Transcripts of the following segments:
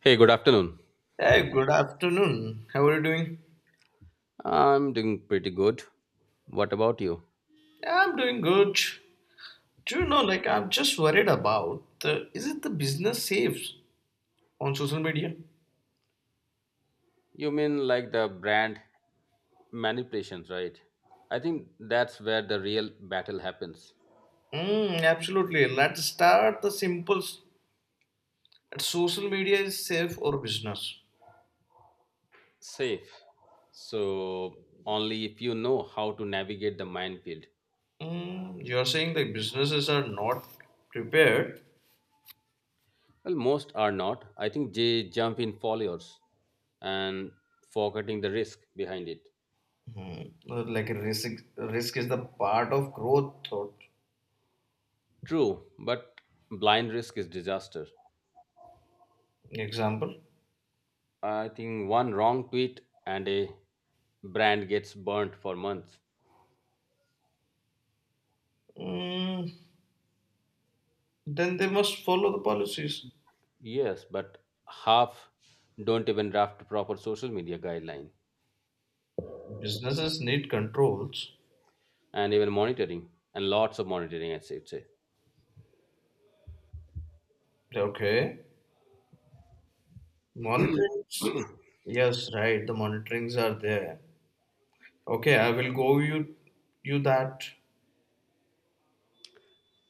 Hey, good afternoon. Hey, good afternoon. How are you doing? I'm doing pretty good. What about you? Yeah, I'm doing good. Do you know, like, I'm just worried about the, is it the business saves on social media? You mean like the brand manipulations, right? I think that's where the real battle happens. Absolutely. Let's start the simples. That social media is safe or business? Safe. So, only if you know how to navigate the minefield. You're saying like businesses are not prepared. Well, most are not. I think they jump in foliars and forgetting the risk behind it. Like risk is the part of growth thought. True, but blind risk is disaster. Example. I think one wrong tweet and a brand gets burnt for months. Mm, then they must follow the policies. Yes, but half don't even draft proper social media guideline Businesses need controls. and even monitoring and lots of monitoring, I should say. Okay. Monitorings? Yes, right. The monitorings are there. Okay, I will go you that.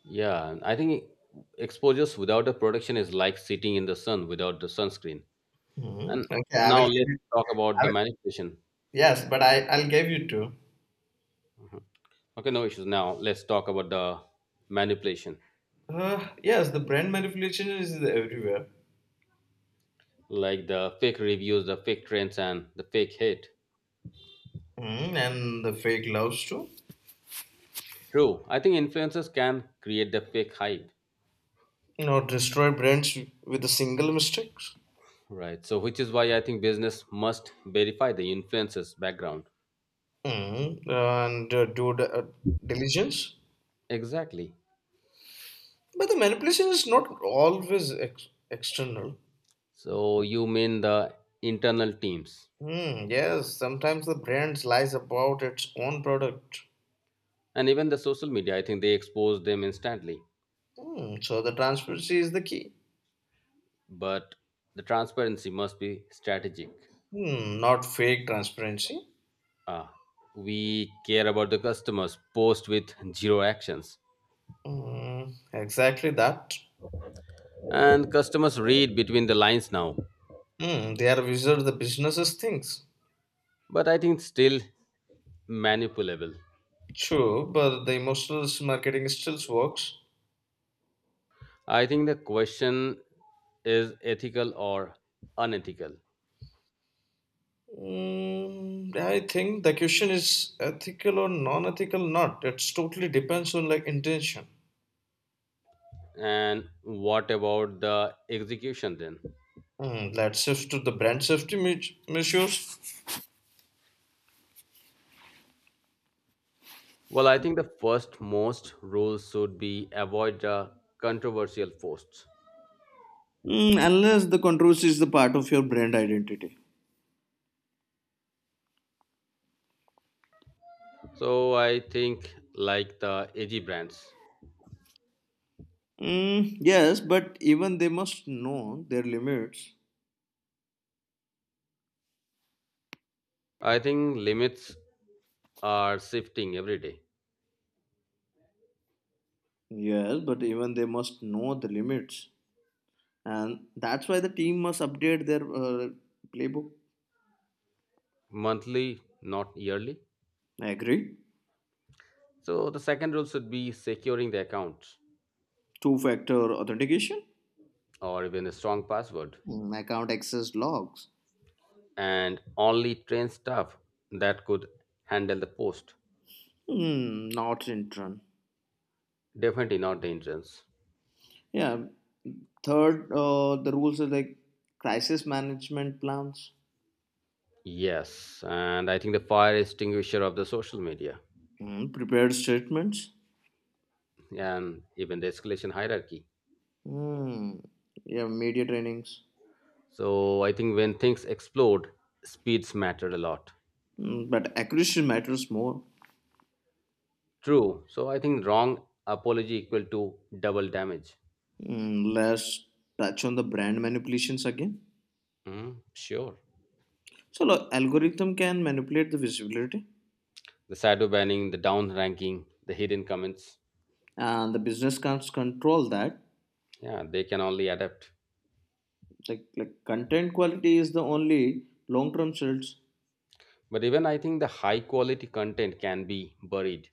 Yeah, and I think exposures without the protection is like sitting in the sun without the sunscreen. Hmm And Okay, I now will give let's you. talk I about the will, manipulation. yes, but I'll give you two. Okay, no issues. Now let's talk about the manipulation, Yes, the brand manipulation is everywhere. like the fake reviews, the fake trends, and the fake hate. Hmm And the fake loves too. True, I think influencers can create the fake hype. You know, destroy brands with a single mistake. Right. So, which is why I think business must verify the influencer's background. Hmm And do the, diligence. Exactly. But the manipulation is not always external. So, you mean the internal teams Hmm, yes, sometimes the brand lies about its own product. and even the social media, I think they expose them instantly. Hmm, so the transparency is the key. But the transparency must be strategic. Hmm, not fake transparency. Ah, we care about the customers, post with zero actions. Hmm, exactly that. And customers read between the lines now. Hmm, they are wizard the businesses things. But I think still manipulable. True, but the emotional marketing still works. I think the question is ethical or unethical. Hmm, I think the question is ethical or non-ethical. Not. It totally depends on like intention. And what about the execution then? Hmm, let's shift to the brand safety measures. Well, I think the first most rule should be avoid the controversial posts. Mm, unless the controversy is the part of your brand identity. So I think like the AG brands, Mm, yes, but even they must know their limits. I think limits are shifting every day, Yes, but even they must know the limits. And that's why the team must update their playbook. monthly, not yearly. I agree. So the second rule should be securing the accounts Two factor authentication, or even a strong password mm, account access logs, and only train staff that could handle the post. mm, not in turn. Definitely not the interns. Yeah. Third, the rules are like crisis management plans, Yes, and I think the fire extinguisher of the social media mm, prepared statements, and even the escalation hierarchy. mm, yeah, media trainings So I think when things explode, speeds matter a lot. Mm, but accuracy matters more. True. So I think wrong apology equal to double damage. Mm, let's touch on the brand manipulations again. Mm, sure. So, look, algorithm can manipulate the visibility, The shadow banning, the down ranking, the hidden comments. and the business can't control that. Yeah, they can only adapt. Like content quality is the only long-term search. But even I think the high quality content can be buried.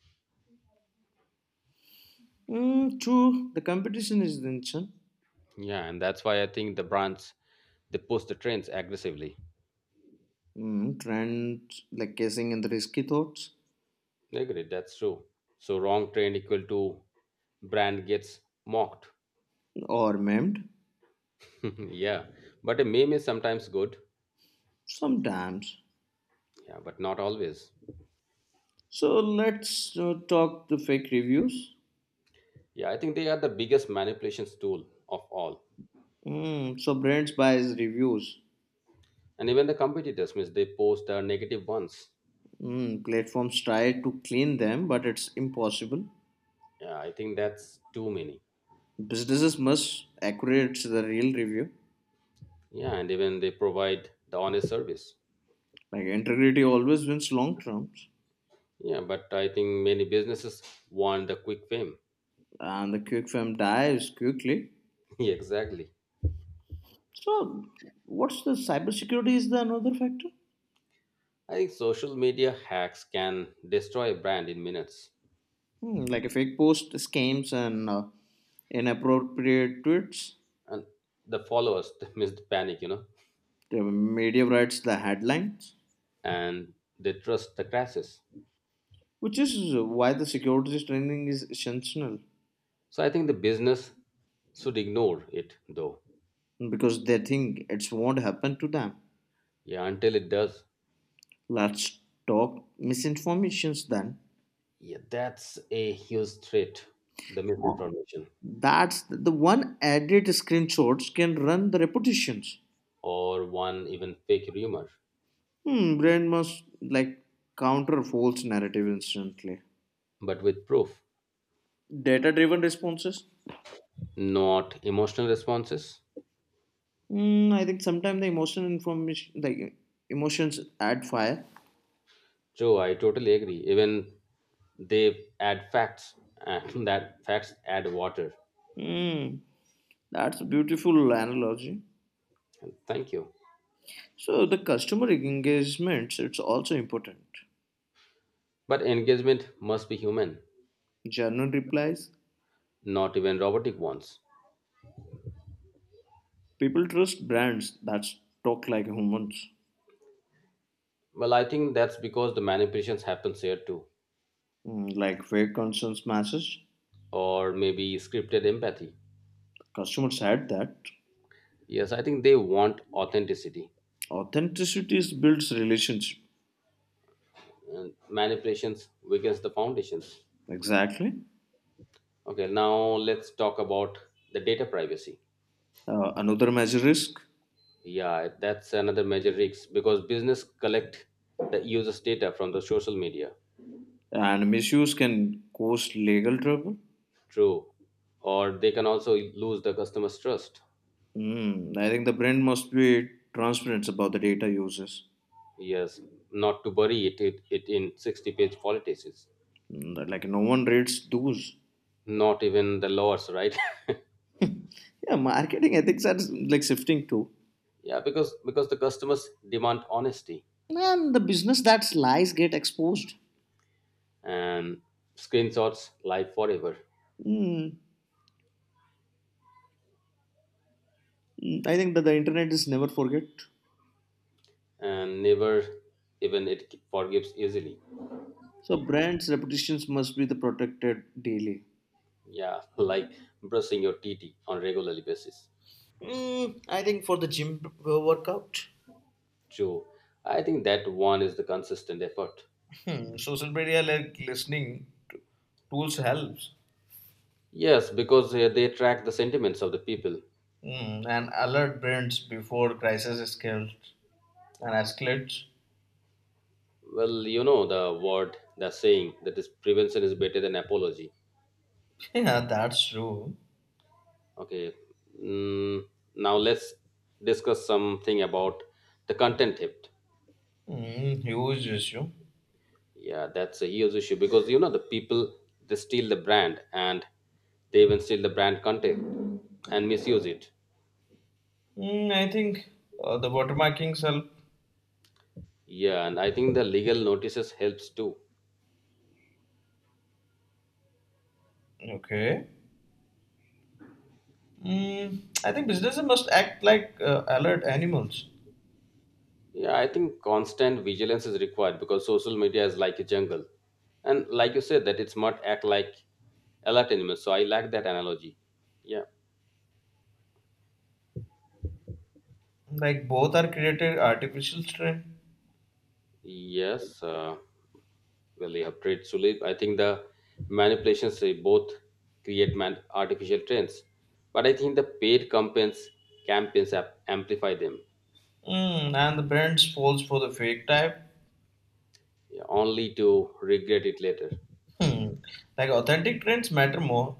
Mm, true, the competition is intention. Yeah, and that's why I think the brands they push the trends aggressively. Mm, trends like guessing and the risky thoughts Agreed, that's true. So wrong trend equal to brand gets mocked. or memed Yeah, but a meme is sometimes good. sometimes. Yeah, but not always. So let's talk the fake reviews. Yeah, I think they are the biggest manipulations tool of all. Mm, so brands buys reviews And even the competitors, means they post the negative ones. Mm, platforms try to clean them, but it's impossible. Yeah, I think that's too many. Businesses must accurate the real review. Yeah, and even they provide the honest service. Like integrity always wins long terms, Yeah, but I think many businesses want the quick fame. and the quick fame dies quickly. Yeah, exactly. So, what's the cybersecurity is the another factor? I think social media hacks can destroy a brand in minutes. Hmm, like a fake post scams and inappropriate tweets. And the followers they miss the panic The media writes the headlines, and they trust the crashes. which is why the security training is essential So I think the business should ignore it though. because they think it won't happen to them. Yeah, until it does. Let's talk misinformations then. Yeah, that's a huge threat, the misinformation, That's the one edit screenshots can run the repetitions. or one even fake rumor, Hmm, brain must like counter false narrative instantly. but with proof, Data driven responses. not emotional responses. Hmm, I think sometimes the emotional information, like emotions add fire. True, I totally agree, even they add facts and that facts add water. Hmm, that's a beautiful analogy. Thank you. So the customer engagements, it's also important. But engagement must be human, Genuine replies. not even robotic ones. People trust brands that talk like humans. Well, I think that's because the manipulations happens here too, Mm, like fake concerns matches. or maybe scripted empathy. Customers had that. Yes, I think they want authenticity. Authenticity is builds relationship. And manipulations weakens the foundations. Exactly. Okay, now let's talk about the data privacy. Another major risk Yeah, that's another major risk because business collect the users' data from the social media. and misuse can cause legal trouble. True, or they can also lose the customer's trust. Mm, I think the brand must be transparent about the data uses. Yes, not to bury it in 60-page politics. Mm, that, like no one reads those. Not even the laws, right? Yeah, marketing ethics are like shifting too. Yeah, because the customers demand honesty And the business that lies get exposed. and screenshots live forever Mm, mm, I think that the internet is never forget. and never even it forgives easily. So brands' reputations must be the protected daily. Yeah, like brushing your teeth on regularly basis. Mm, I think for the gym workout. True. I think that one is the consistent effort. Hmm, social media like listening tools helps Yes, because they track the sentiments of the people. Hmm, and alert brands before crisis escalates and escalates. Well, the word, the saying that is prevention is better than apology. Yeah, that's true. Okay. Mm, now let's discuss something about the content hit. Hmm, huge issue. Yeah, that's a huge issue because the people they steal the brand and they even steal the brand content and misuse it. Hmm, I think the watermarkings help. Yeah, and I think the legal notices helps too. Okay. Hmm, I think businesses must act like alert animals. Yeah, I think constant vigilance is required because social media is like a jungle. And like you said, that it's not act like alert animals. So I like that analogy. Yeah. Like both are created artificial strain. Yes, well, you have trade Sulip. I think the manipulations they both create man- artificial trends, but I think the paid campaigns ap- amplify them, Hmm, and the brands falls for the fake type. yeah, only to regret it later. Hmm. Like authentic trends matter more.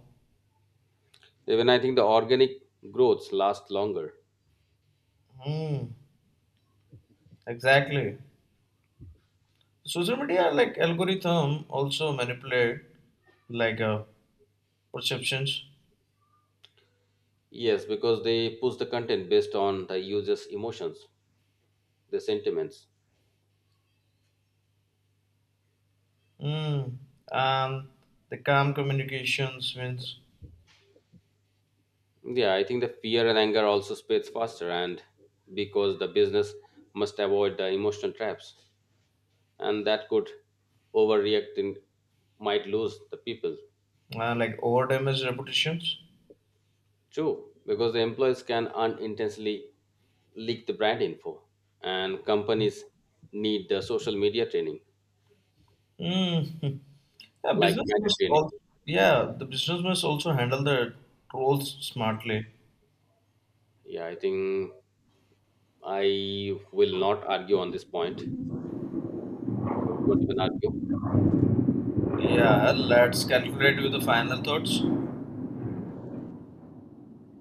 Even I think the organic growths last longer. Hmm. Exactly. Social media like algorithm also manipulate like perceptions. Yes, because they push the content based on the user's emotions, their sentiments. Hmm. And the calm communications means Yeah, I think the fear and anger also spreads faster, and because the business must avoid the emotional traps. And that could overreact and might lose the people like over damage reputations. too, because the employees can unintentionally leak the brand info and companies need the social media training Hmm. Yeah, like business media must training. also yeah, the business must also handle the trolls smartly. Yeah, I think I will not argue on this point, so don't even argue. Yeah, let's calculate with the final thoughts.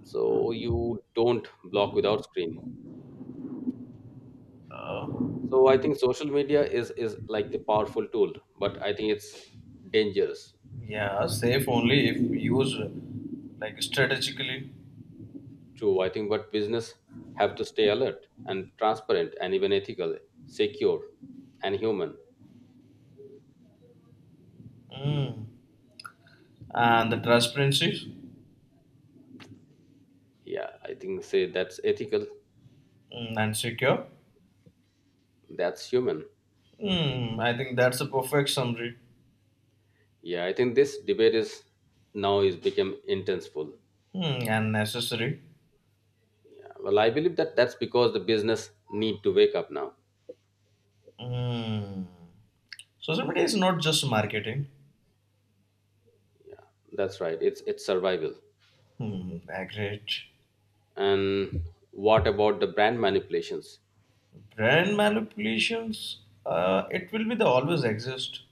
So you don't block without screen. Uh, So I think social media is like the powerful tool, but I think it's dangerous. Yeah, safe only if used like strategically True, I think but business have to stay alert and transparent and even ethical, secure and human. mm. And the transparency Yeah, I think say that's ethical, mm. And secure. that's human. Mm. I think that's a perfect summary Yeah, I think this debate is now is become intenseful. mm. And necessary. Yeah, well, I believe that that's because the business need to wake up now. Mm. Social media is not just marketing. Yeah, that's right. It's survival. Hmm, agreed. And what about the brand manipulations? Brand manipulations, it will be the always exist.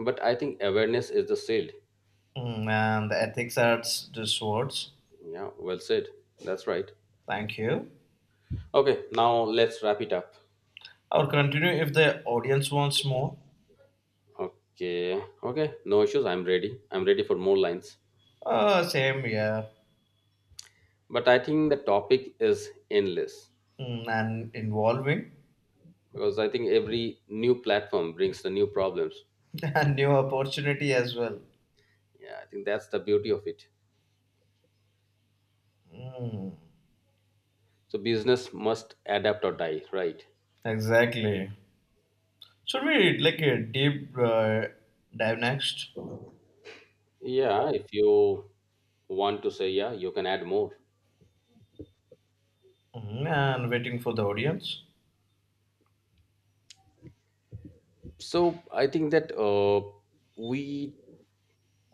But I think awareness is the shield. Hmm, and the ethics adds these words. Yeah, well said. That's right. Thank you. Okay, now let's wrap it up. I'll continue if the audience wants more. Okay, okay, no issues. I'm ready. I'm ready for more lines. Same, yeah. But I think the topic is endless Mm, and involving because I think every new platform brings the new problems. and new opportunity as well. Yeah, I think that's the beauty of it. Mm, So business must adapt or die, right? exactly. Should we like a deep dive next? Yeah, if you want to say yeah, you can add more. Mm, and waiting for the audience. So I think that we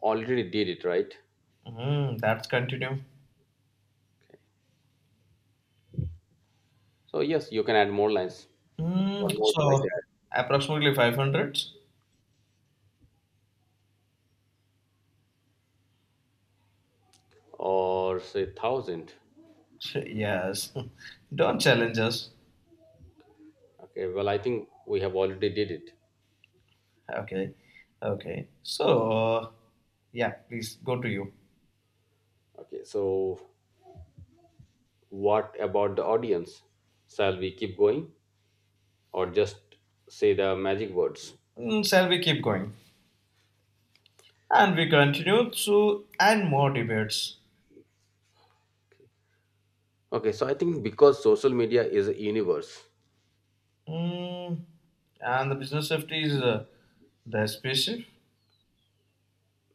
already did it, right? Mm, that's continue. So yes, you can add more lines. Mm, What more would you like to so add? approximately 500. Or say thousand. Yes. Don't challenge us. Okay, well, I think we have already did it. Okay. Okay. So yeah, please go to you. Okay, so what about the audience? Shall we keep going or just say the magic words? Mm, shall we keep going? And we continue to and more debates. Okay, so I think because social media is a universe, Mm, and the business safety is the spaceship.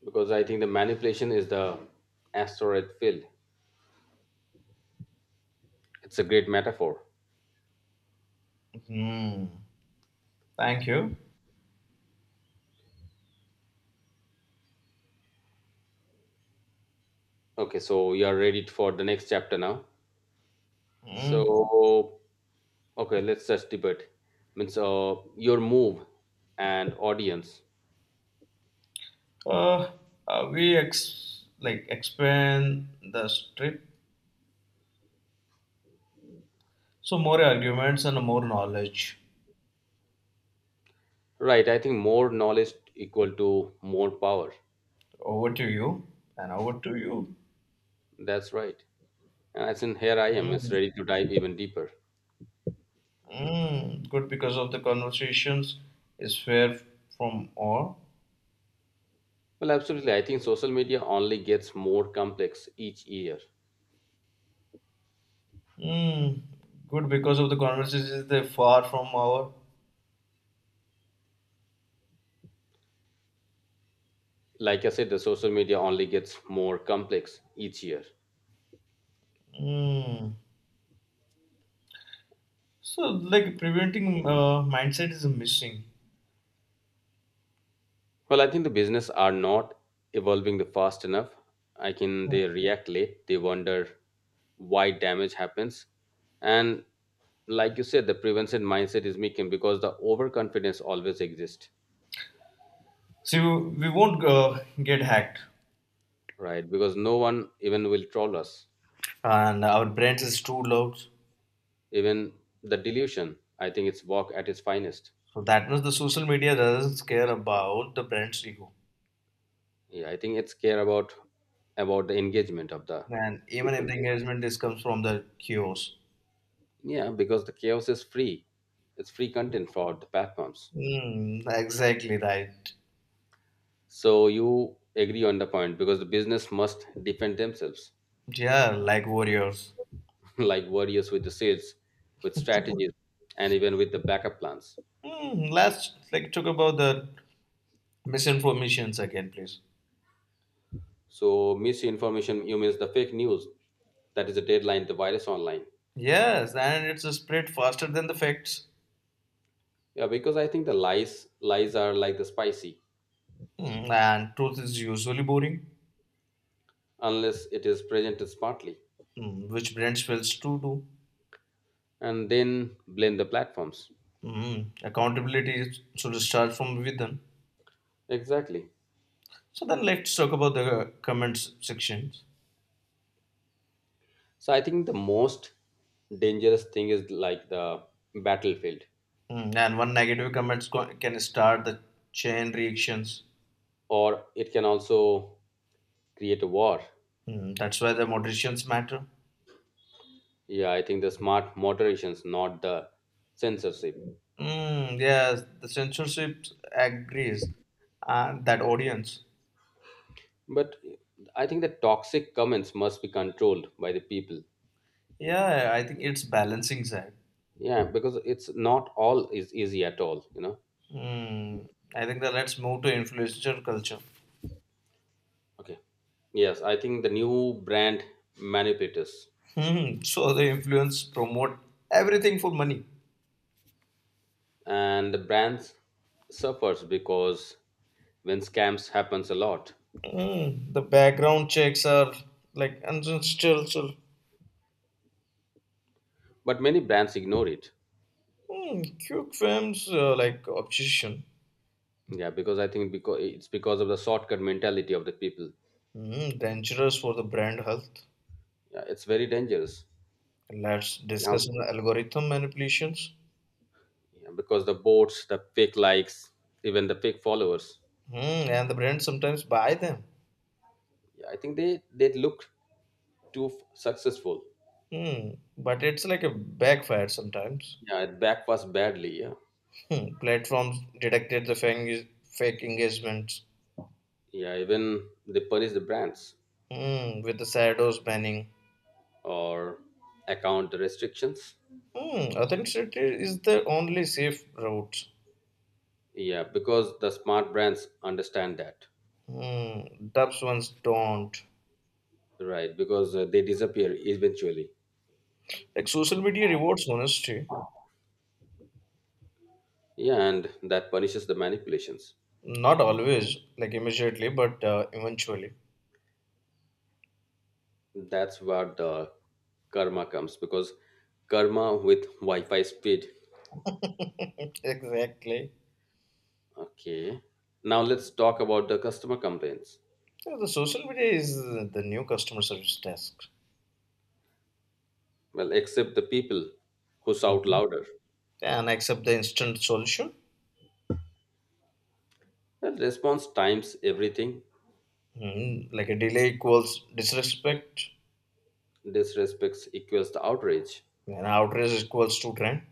because I think the manipulation is the asteroid field. It's a great metaphor. Mm, thank you. Okay, so you are ready for the next chapter now. Mm. So, okay, let's just debate. Means your move and audience. Uh, like expand the strip, so more arguments and more knowledge. Right, I think more knowledge equal to more power. Over to you, and over to you. That's right. And I said, here I am, it's Mm, ready to dive even deeper. mm, good because of the conversations is fair from all. Well, absolutely. I think social media only gets more complex each year. Mm, good because of the conversations is they far from our. Like I said, the social media only gets more complex each year. Mm. So, like preventing mindset is missing. Well, I think the business are not evolving the fast enough. I can they react late. They wonder why damage happens. And like you said, the prevention mindset is making because the overconfidence always exists, See, we won't get hacked, right? Because no one even will troll us, and our brands is too loud. even the delusion I think it's work at its finest. So that means the social media doesn't care about the brand's ego, Yeah, I think it's care about the engagement of the and even if the people. engagement is comes from the kiosk. Yeah, because the chaos is free, it's free content for the platforms. Mm, exactly right. So you agree on the point because the business must defend themselves. Yeah, like warriors. Like warriors with the sales, with strategies and even with the backup plans. Mm, let's like talk about the misinformations again, please. So misinformation you means the fake news, that is the deadline, the virus online. Yes, and it's spread faster than the facts. Yeah, because I think the lies are like the spicy, Mm, and truth is usually boring. unless it is presented smartly, Mm, which brands fails to do. and then blame the platforms. Mm, accountability should start from within. Exactly. So then let's talk about the comments sections. So I think the most dangerous thing is like the battlefield, Mm, and one negative comments can start the chain reactions. or it can also create a war. Mm, that's why the moderations matter. Yeah, I think the smart moderations, not the censorship. Mm, yes, the censorship agrees and that audience. But I think the toxic comments must be controlled by the people. Yeah, I think it's balancing side. Yeah, because it's not all is easy at all, Mm, I think that let's move to influencer culture. okay, yes, I think the new brand manipulators, Hmm, so the influence promote everything for money. and the brands suffers because when scams happens a lot, Mm, the background checks are like ancestral. but many brands ignore it. Mm, Quick films like obsession. Yeah, because I think because of the shortcut mentality of the people. Mm, dangerous for the brand health. Yeah, it's very dangerous. Let's Yeah. discuss the algorithm manipulations. Yeah, because the bots, the fake likes, even the fake followers. Mm, and the brand sometimes buy them. Yeah, I think they look too f- successful. Mm, but it's like a backfire sometimes. Yeah, it backfires badly. Yeah, Hmm, platforms detected the fake engagements yeah, even they punish the brands Hmm, with the shadows banning. or account restrictions. Hmm, authenticity is the only safe route. Yeah, because the smart brands understand that. Hmm, dubs ones don't. Right, because they disappear eventually. Like social media rewards honesty, Yeah, and that punishes the manipulations. not always, like immediately, but eventually. That's where the karma comes because karma with Wi Fi speed. Exactly. Okay, now let's talk about the customer complaints. Yeah, the social media is the new customer service desk. Well, except the people who shout Mm. louder. And accept the instant solution. Well, response times everything, Mm. Like a delay equals disrespect, disrespects equals to outrage, and outrage equals to trend.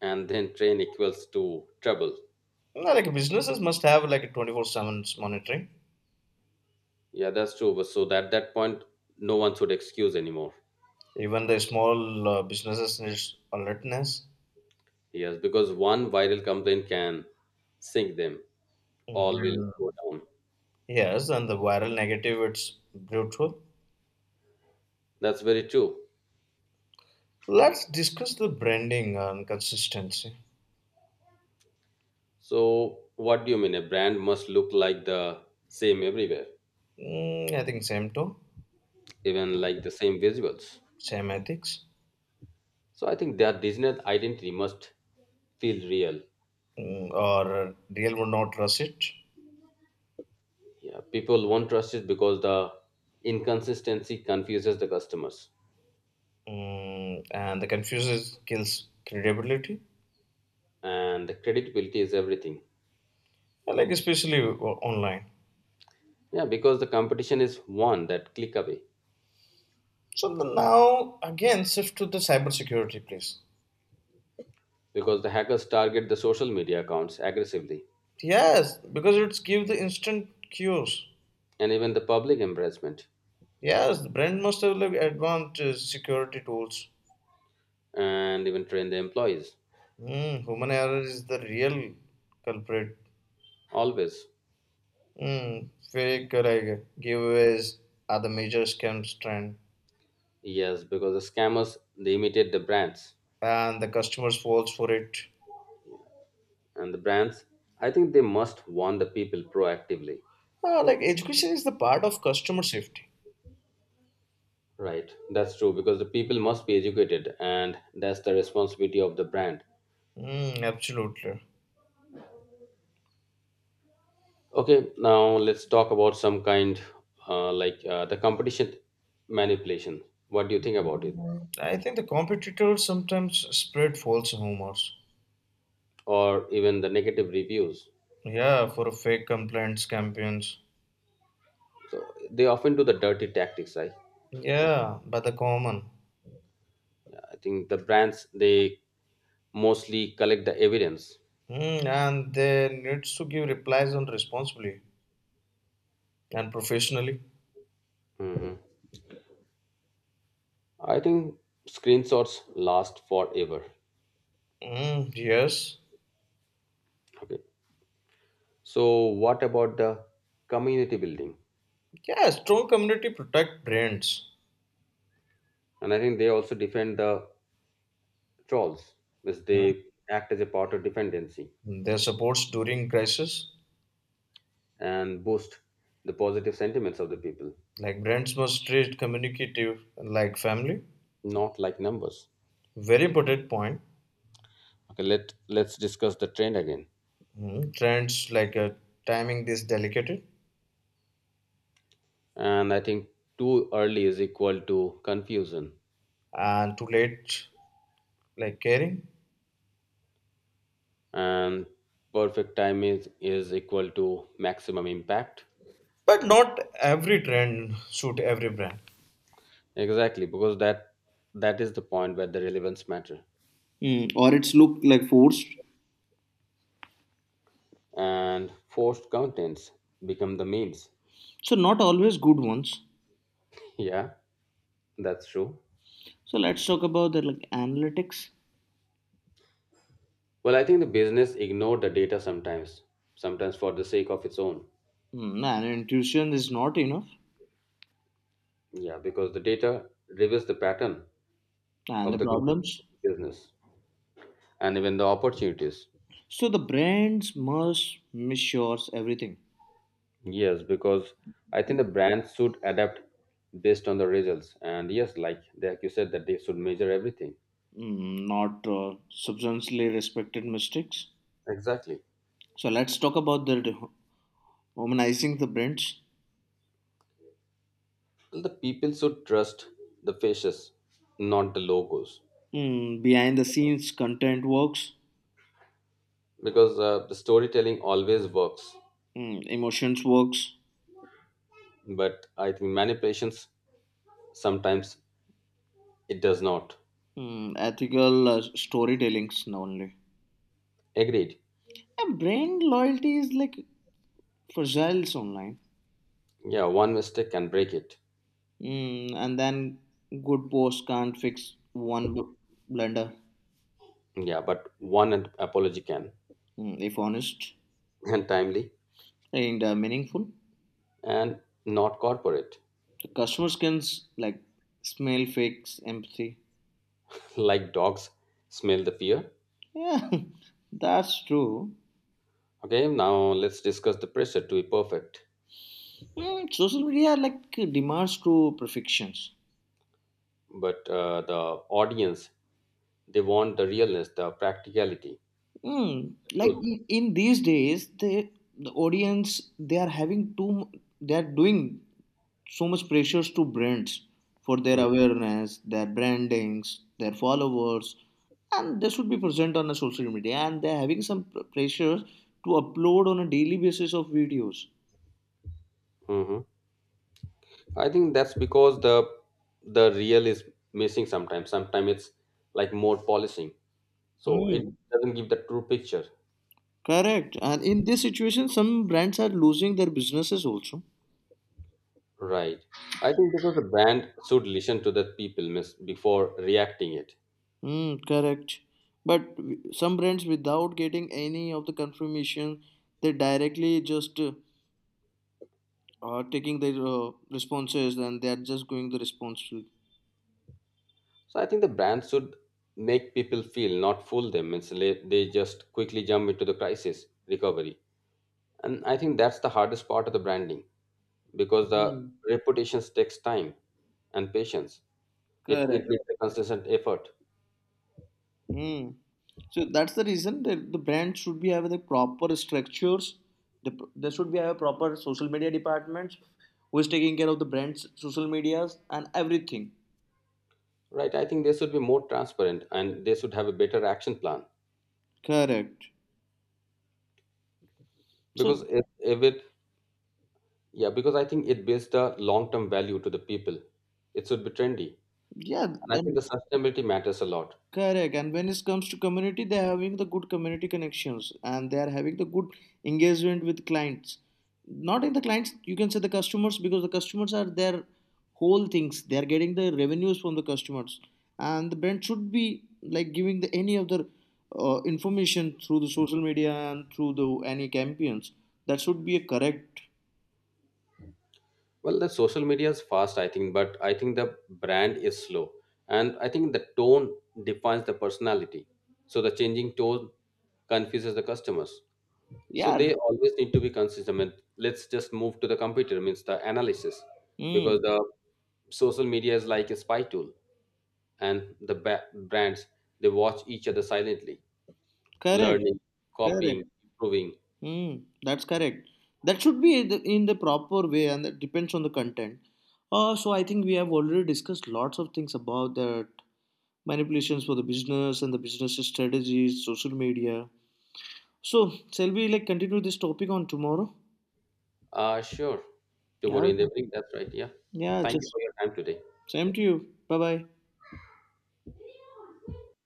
and then train equals to trouble. No, like businesses must have like a 24/7 monitoring. Yeah, that's true. So, at that point, no one should excuse anymore. Even the small businesses needs alertness. Yes, because one viral complaint can sink them. All will Mm. go down. Yes, and the viral negative it's brutal. That's very true. Let's discuss the branding and consistency. So, what do you mean? A brand must look like the same everywhere, Mm, I think same too, even like the same visuals. same ethics, So, I think that Disney identity must feel real. mm, or real would not trust it, Yeah, people won't trust it because the inconsistency confuses the customers, mm, and the confuses kills credibility, and the credibility is everything. like especially online. Yeah, because the competition is one that click away. So the now again shift to the cybersecurity, please. Because the hackers target the social media accounts aggressively Yes, because it's give the instant cues. and even the public embarrassment Yes, the brand must have like advanced security tools. and even train the employees Mm, human error is the real culprit always. Mm, very correct. Giveaways are the major scam trend, Yes, because the scammers, they imitate the brands, and the customers falls for it. and the brands, I think they must warn the people proactively. Like education is the part of customer safety. Right, that's true, because the people must be educated, and that's the responsibility of the brand. Mm, absolutely. Okay, now let's talk about some kind, like the competition manipulation. What do you think about it, I think the competitors sometimes spread false rumors. or even the negative reviews? Yeah, for fake complaints campaigns. So they often do the dirty tactics. i Yeah, but the common. i think the brands, they mostly collect the evidence. Mm, and they needs to give replies on responsibly and professionally. Mhm. I think screenshots last forever. Mm, yes. Okay. So what about the community building? Yeah, strong community protect brands. And I think they also defend the trolls, as Hmm. they act as a part of dependency Their supports during crisis, and boost the positive sentiments of the people, like brands must treat communicative like family. not like numbers. Very important point. Okay, let's discuss the trend again. Mm, Trends like timing this delicate And I think too early is equal to confusion, and too late like caring. and perfect time is equal to maximum impact. But not every trend suit every brand. Exactly, because that is the point where the relevance matter, Mm, or it's look like forced. and forced contents become the memes. So not always good ones. Yeah, that's true. So let's talk about the like analytics. Well, I think the business ignored the data sometimes, sometimes for the sake of its own. Mm, and intuition is not enough. Yeah, because the data reveals the pattern And the of the company, problems. business, and even the opportunities. So the brands must measure everything. Yes, because I think the brands should adapt based on the results. And yes, like you said, that they should measure everything. Mm, not substantially respected mistakes. Exactly. So let's talk about the harmonizing the brands. Well, the people should trust the faces, not the logos, Mm, behind the scenes content works, because the storytelling always works. mm, emotions works, But I think manipulations sometimes, it does not. mm, ethical storytellings only. Agreed. And brand loyalty is like fragile online. Yeah, one mistake can break it. Mm, and then good post can't fix one blunder Yeah, but one apology can, mm, if honest and timely, and meaningful. and not corporate. The customers can like smell fakes empathy Like dogs smell the fear. Yeah, that's true. Okay, now let's discuss the pressure to be perfect. Mm, social media like demands true perfections. But the audience, they want the realness, the practicality, Mm, the like truth. in these days, the audience they are having too they are doing so much pressures to brands for their awareness, their brandings, their followers, and they should be present on the social media. And they are having some pressures to upload on a daily basis of videos. Mm-hmm. I think that's because the real is missing sometimes. Sometimes it's like more polishing, so it Mm, doesn't give the true picture. correct. And in this situation, some brands are losing their businesses also. Right. I think because the brand should listen to the people miss before reacting it. Mm, correct. But some brands, without getting any of the confirmation, they directly just are taking their responses and they are just going the response to. So I think the brand should make people feel, not fool them. Means they just quickly jump into the crisis recovery, and I think that's the hardest part of the branding because the Mm, reputations takes time and patience. It correct. needs a consistent effort. Mm. So that's the reason that the brand should be having the proper structures. The, there should be a proper social media departments who is taking care of the brand's social medias and everything. Right. I think they should be more transparent and they should have a better action plan Correct. So because if it, yeah, because I think it builds the long-term value to the people. It should be trendy. yeah, And I think the then sustainability matters a lot. Correct. And when it comes to community, they're having the good community connections and they are having the good engagement with clients. Not in the clients, you can say the customers because the customers are their whole things. They are getting the revenues from the customers, and the brand should be like giving the any of the information through the social media and through the any campaigns. That should be a correct. Well, the social media is fast, I think, but I think the brand is slow. And I think the tone defines the personality. So the changing tone confuses the customers. So Yeah. they always need to be consistent. And let's just move to the computer, means the analysis, because Mm, the social media is like a spy tool, and the brands, they watch each other silently, correct. learning, copying, Correct. improving. Hmm, that's correct. That should be in the proper way, and that depends on the content. So I think we have already discussed lots of things about that manipulations for the business and the business strategies, social media. So shall we like continue this topic on tomorrow? Uh, sure. Yeah. Tomorrow in the evening, that's right, yeah. Yeah. Thank you Just for your time today. same to you. Bye bye.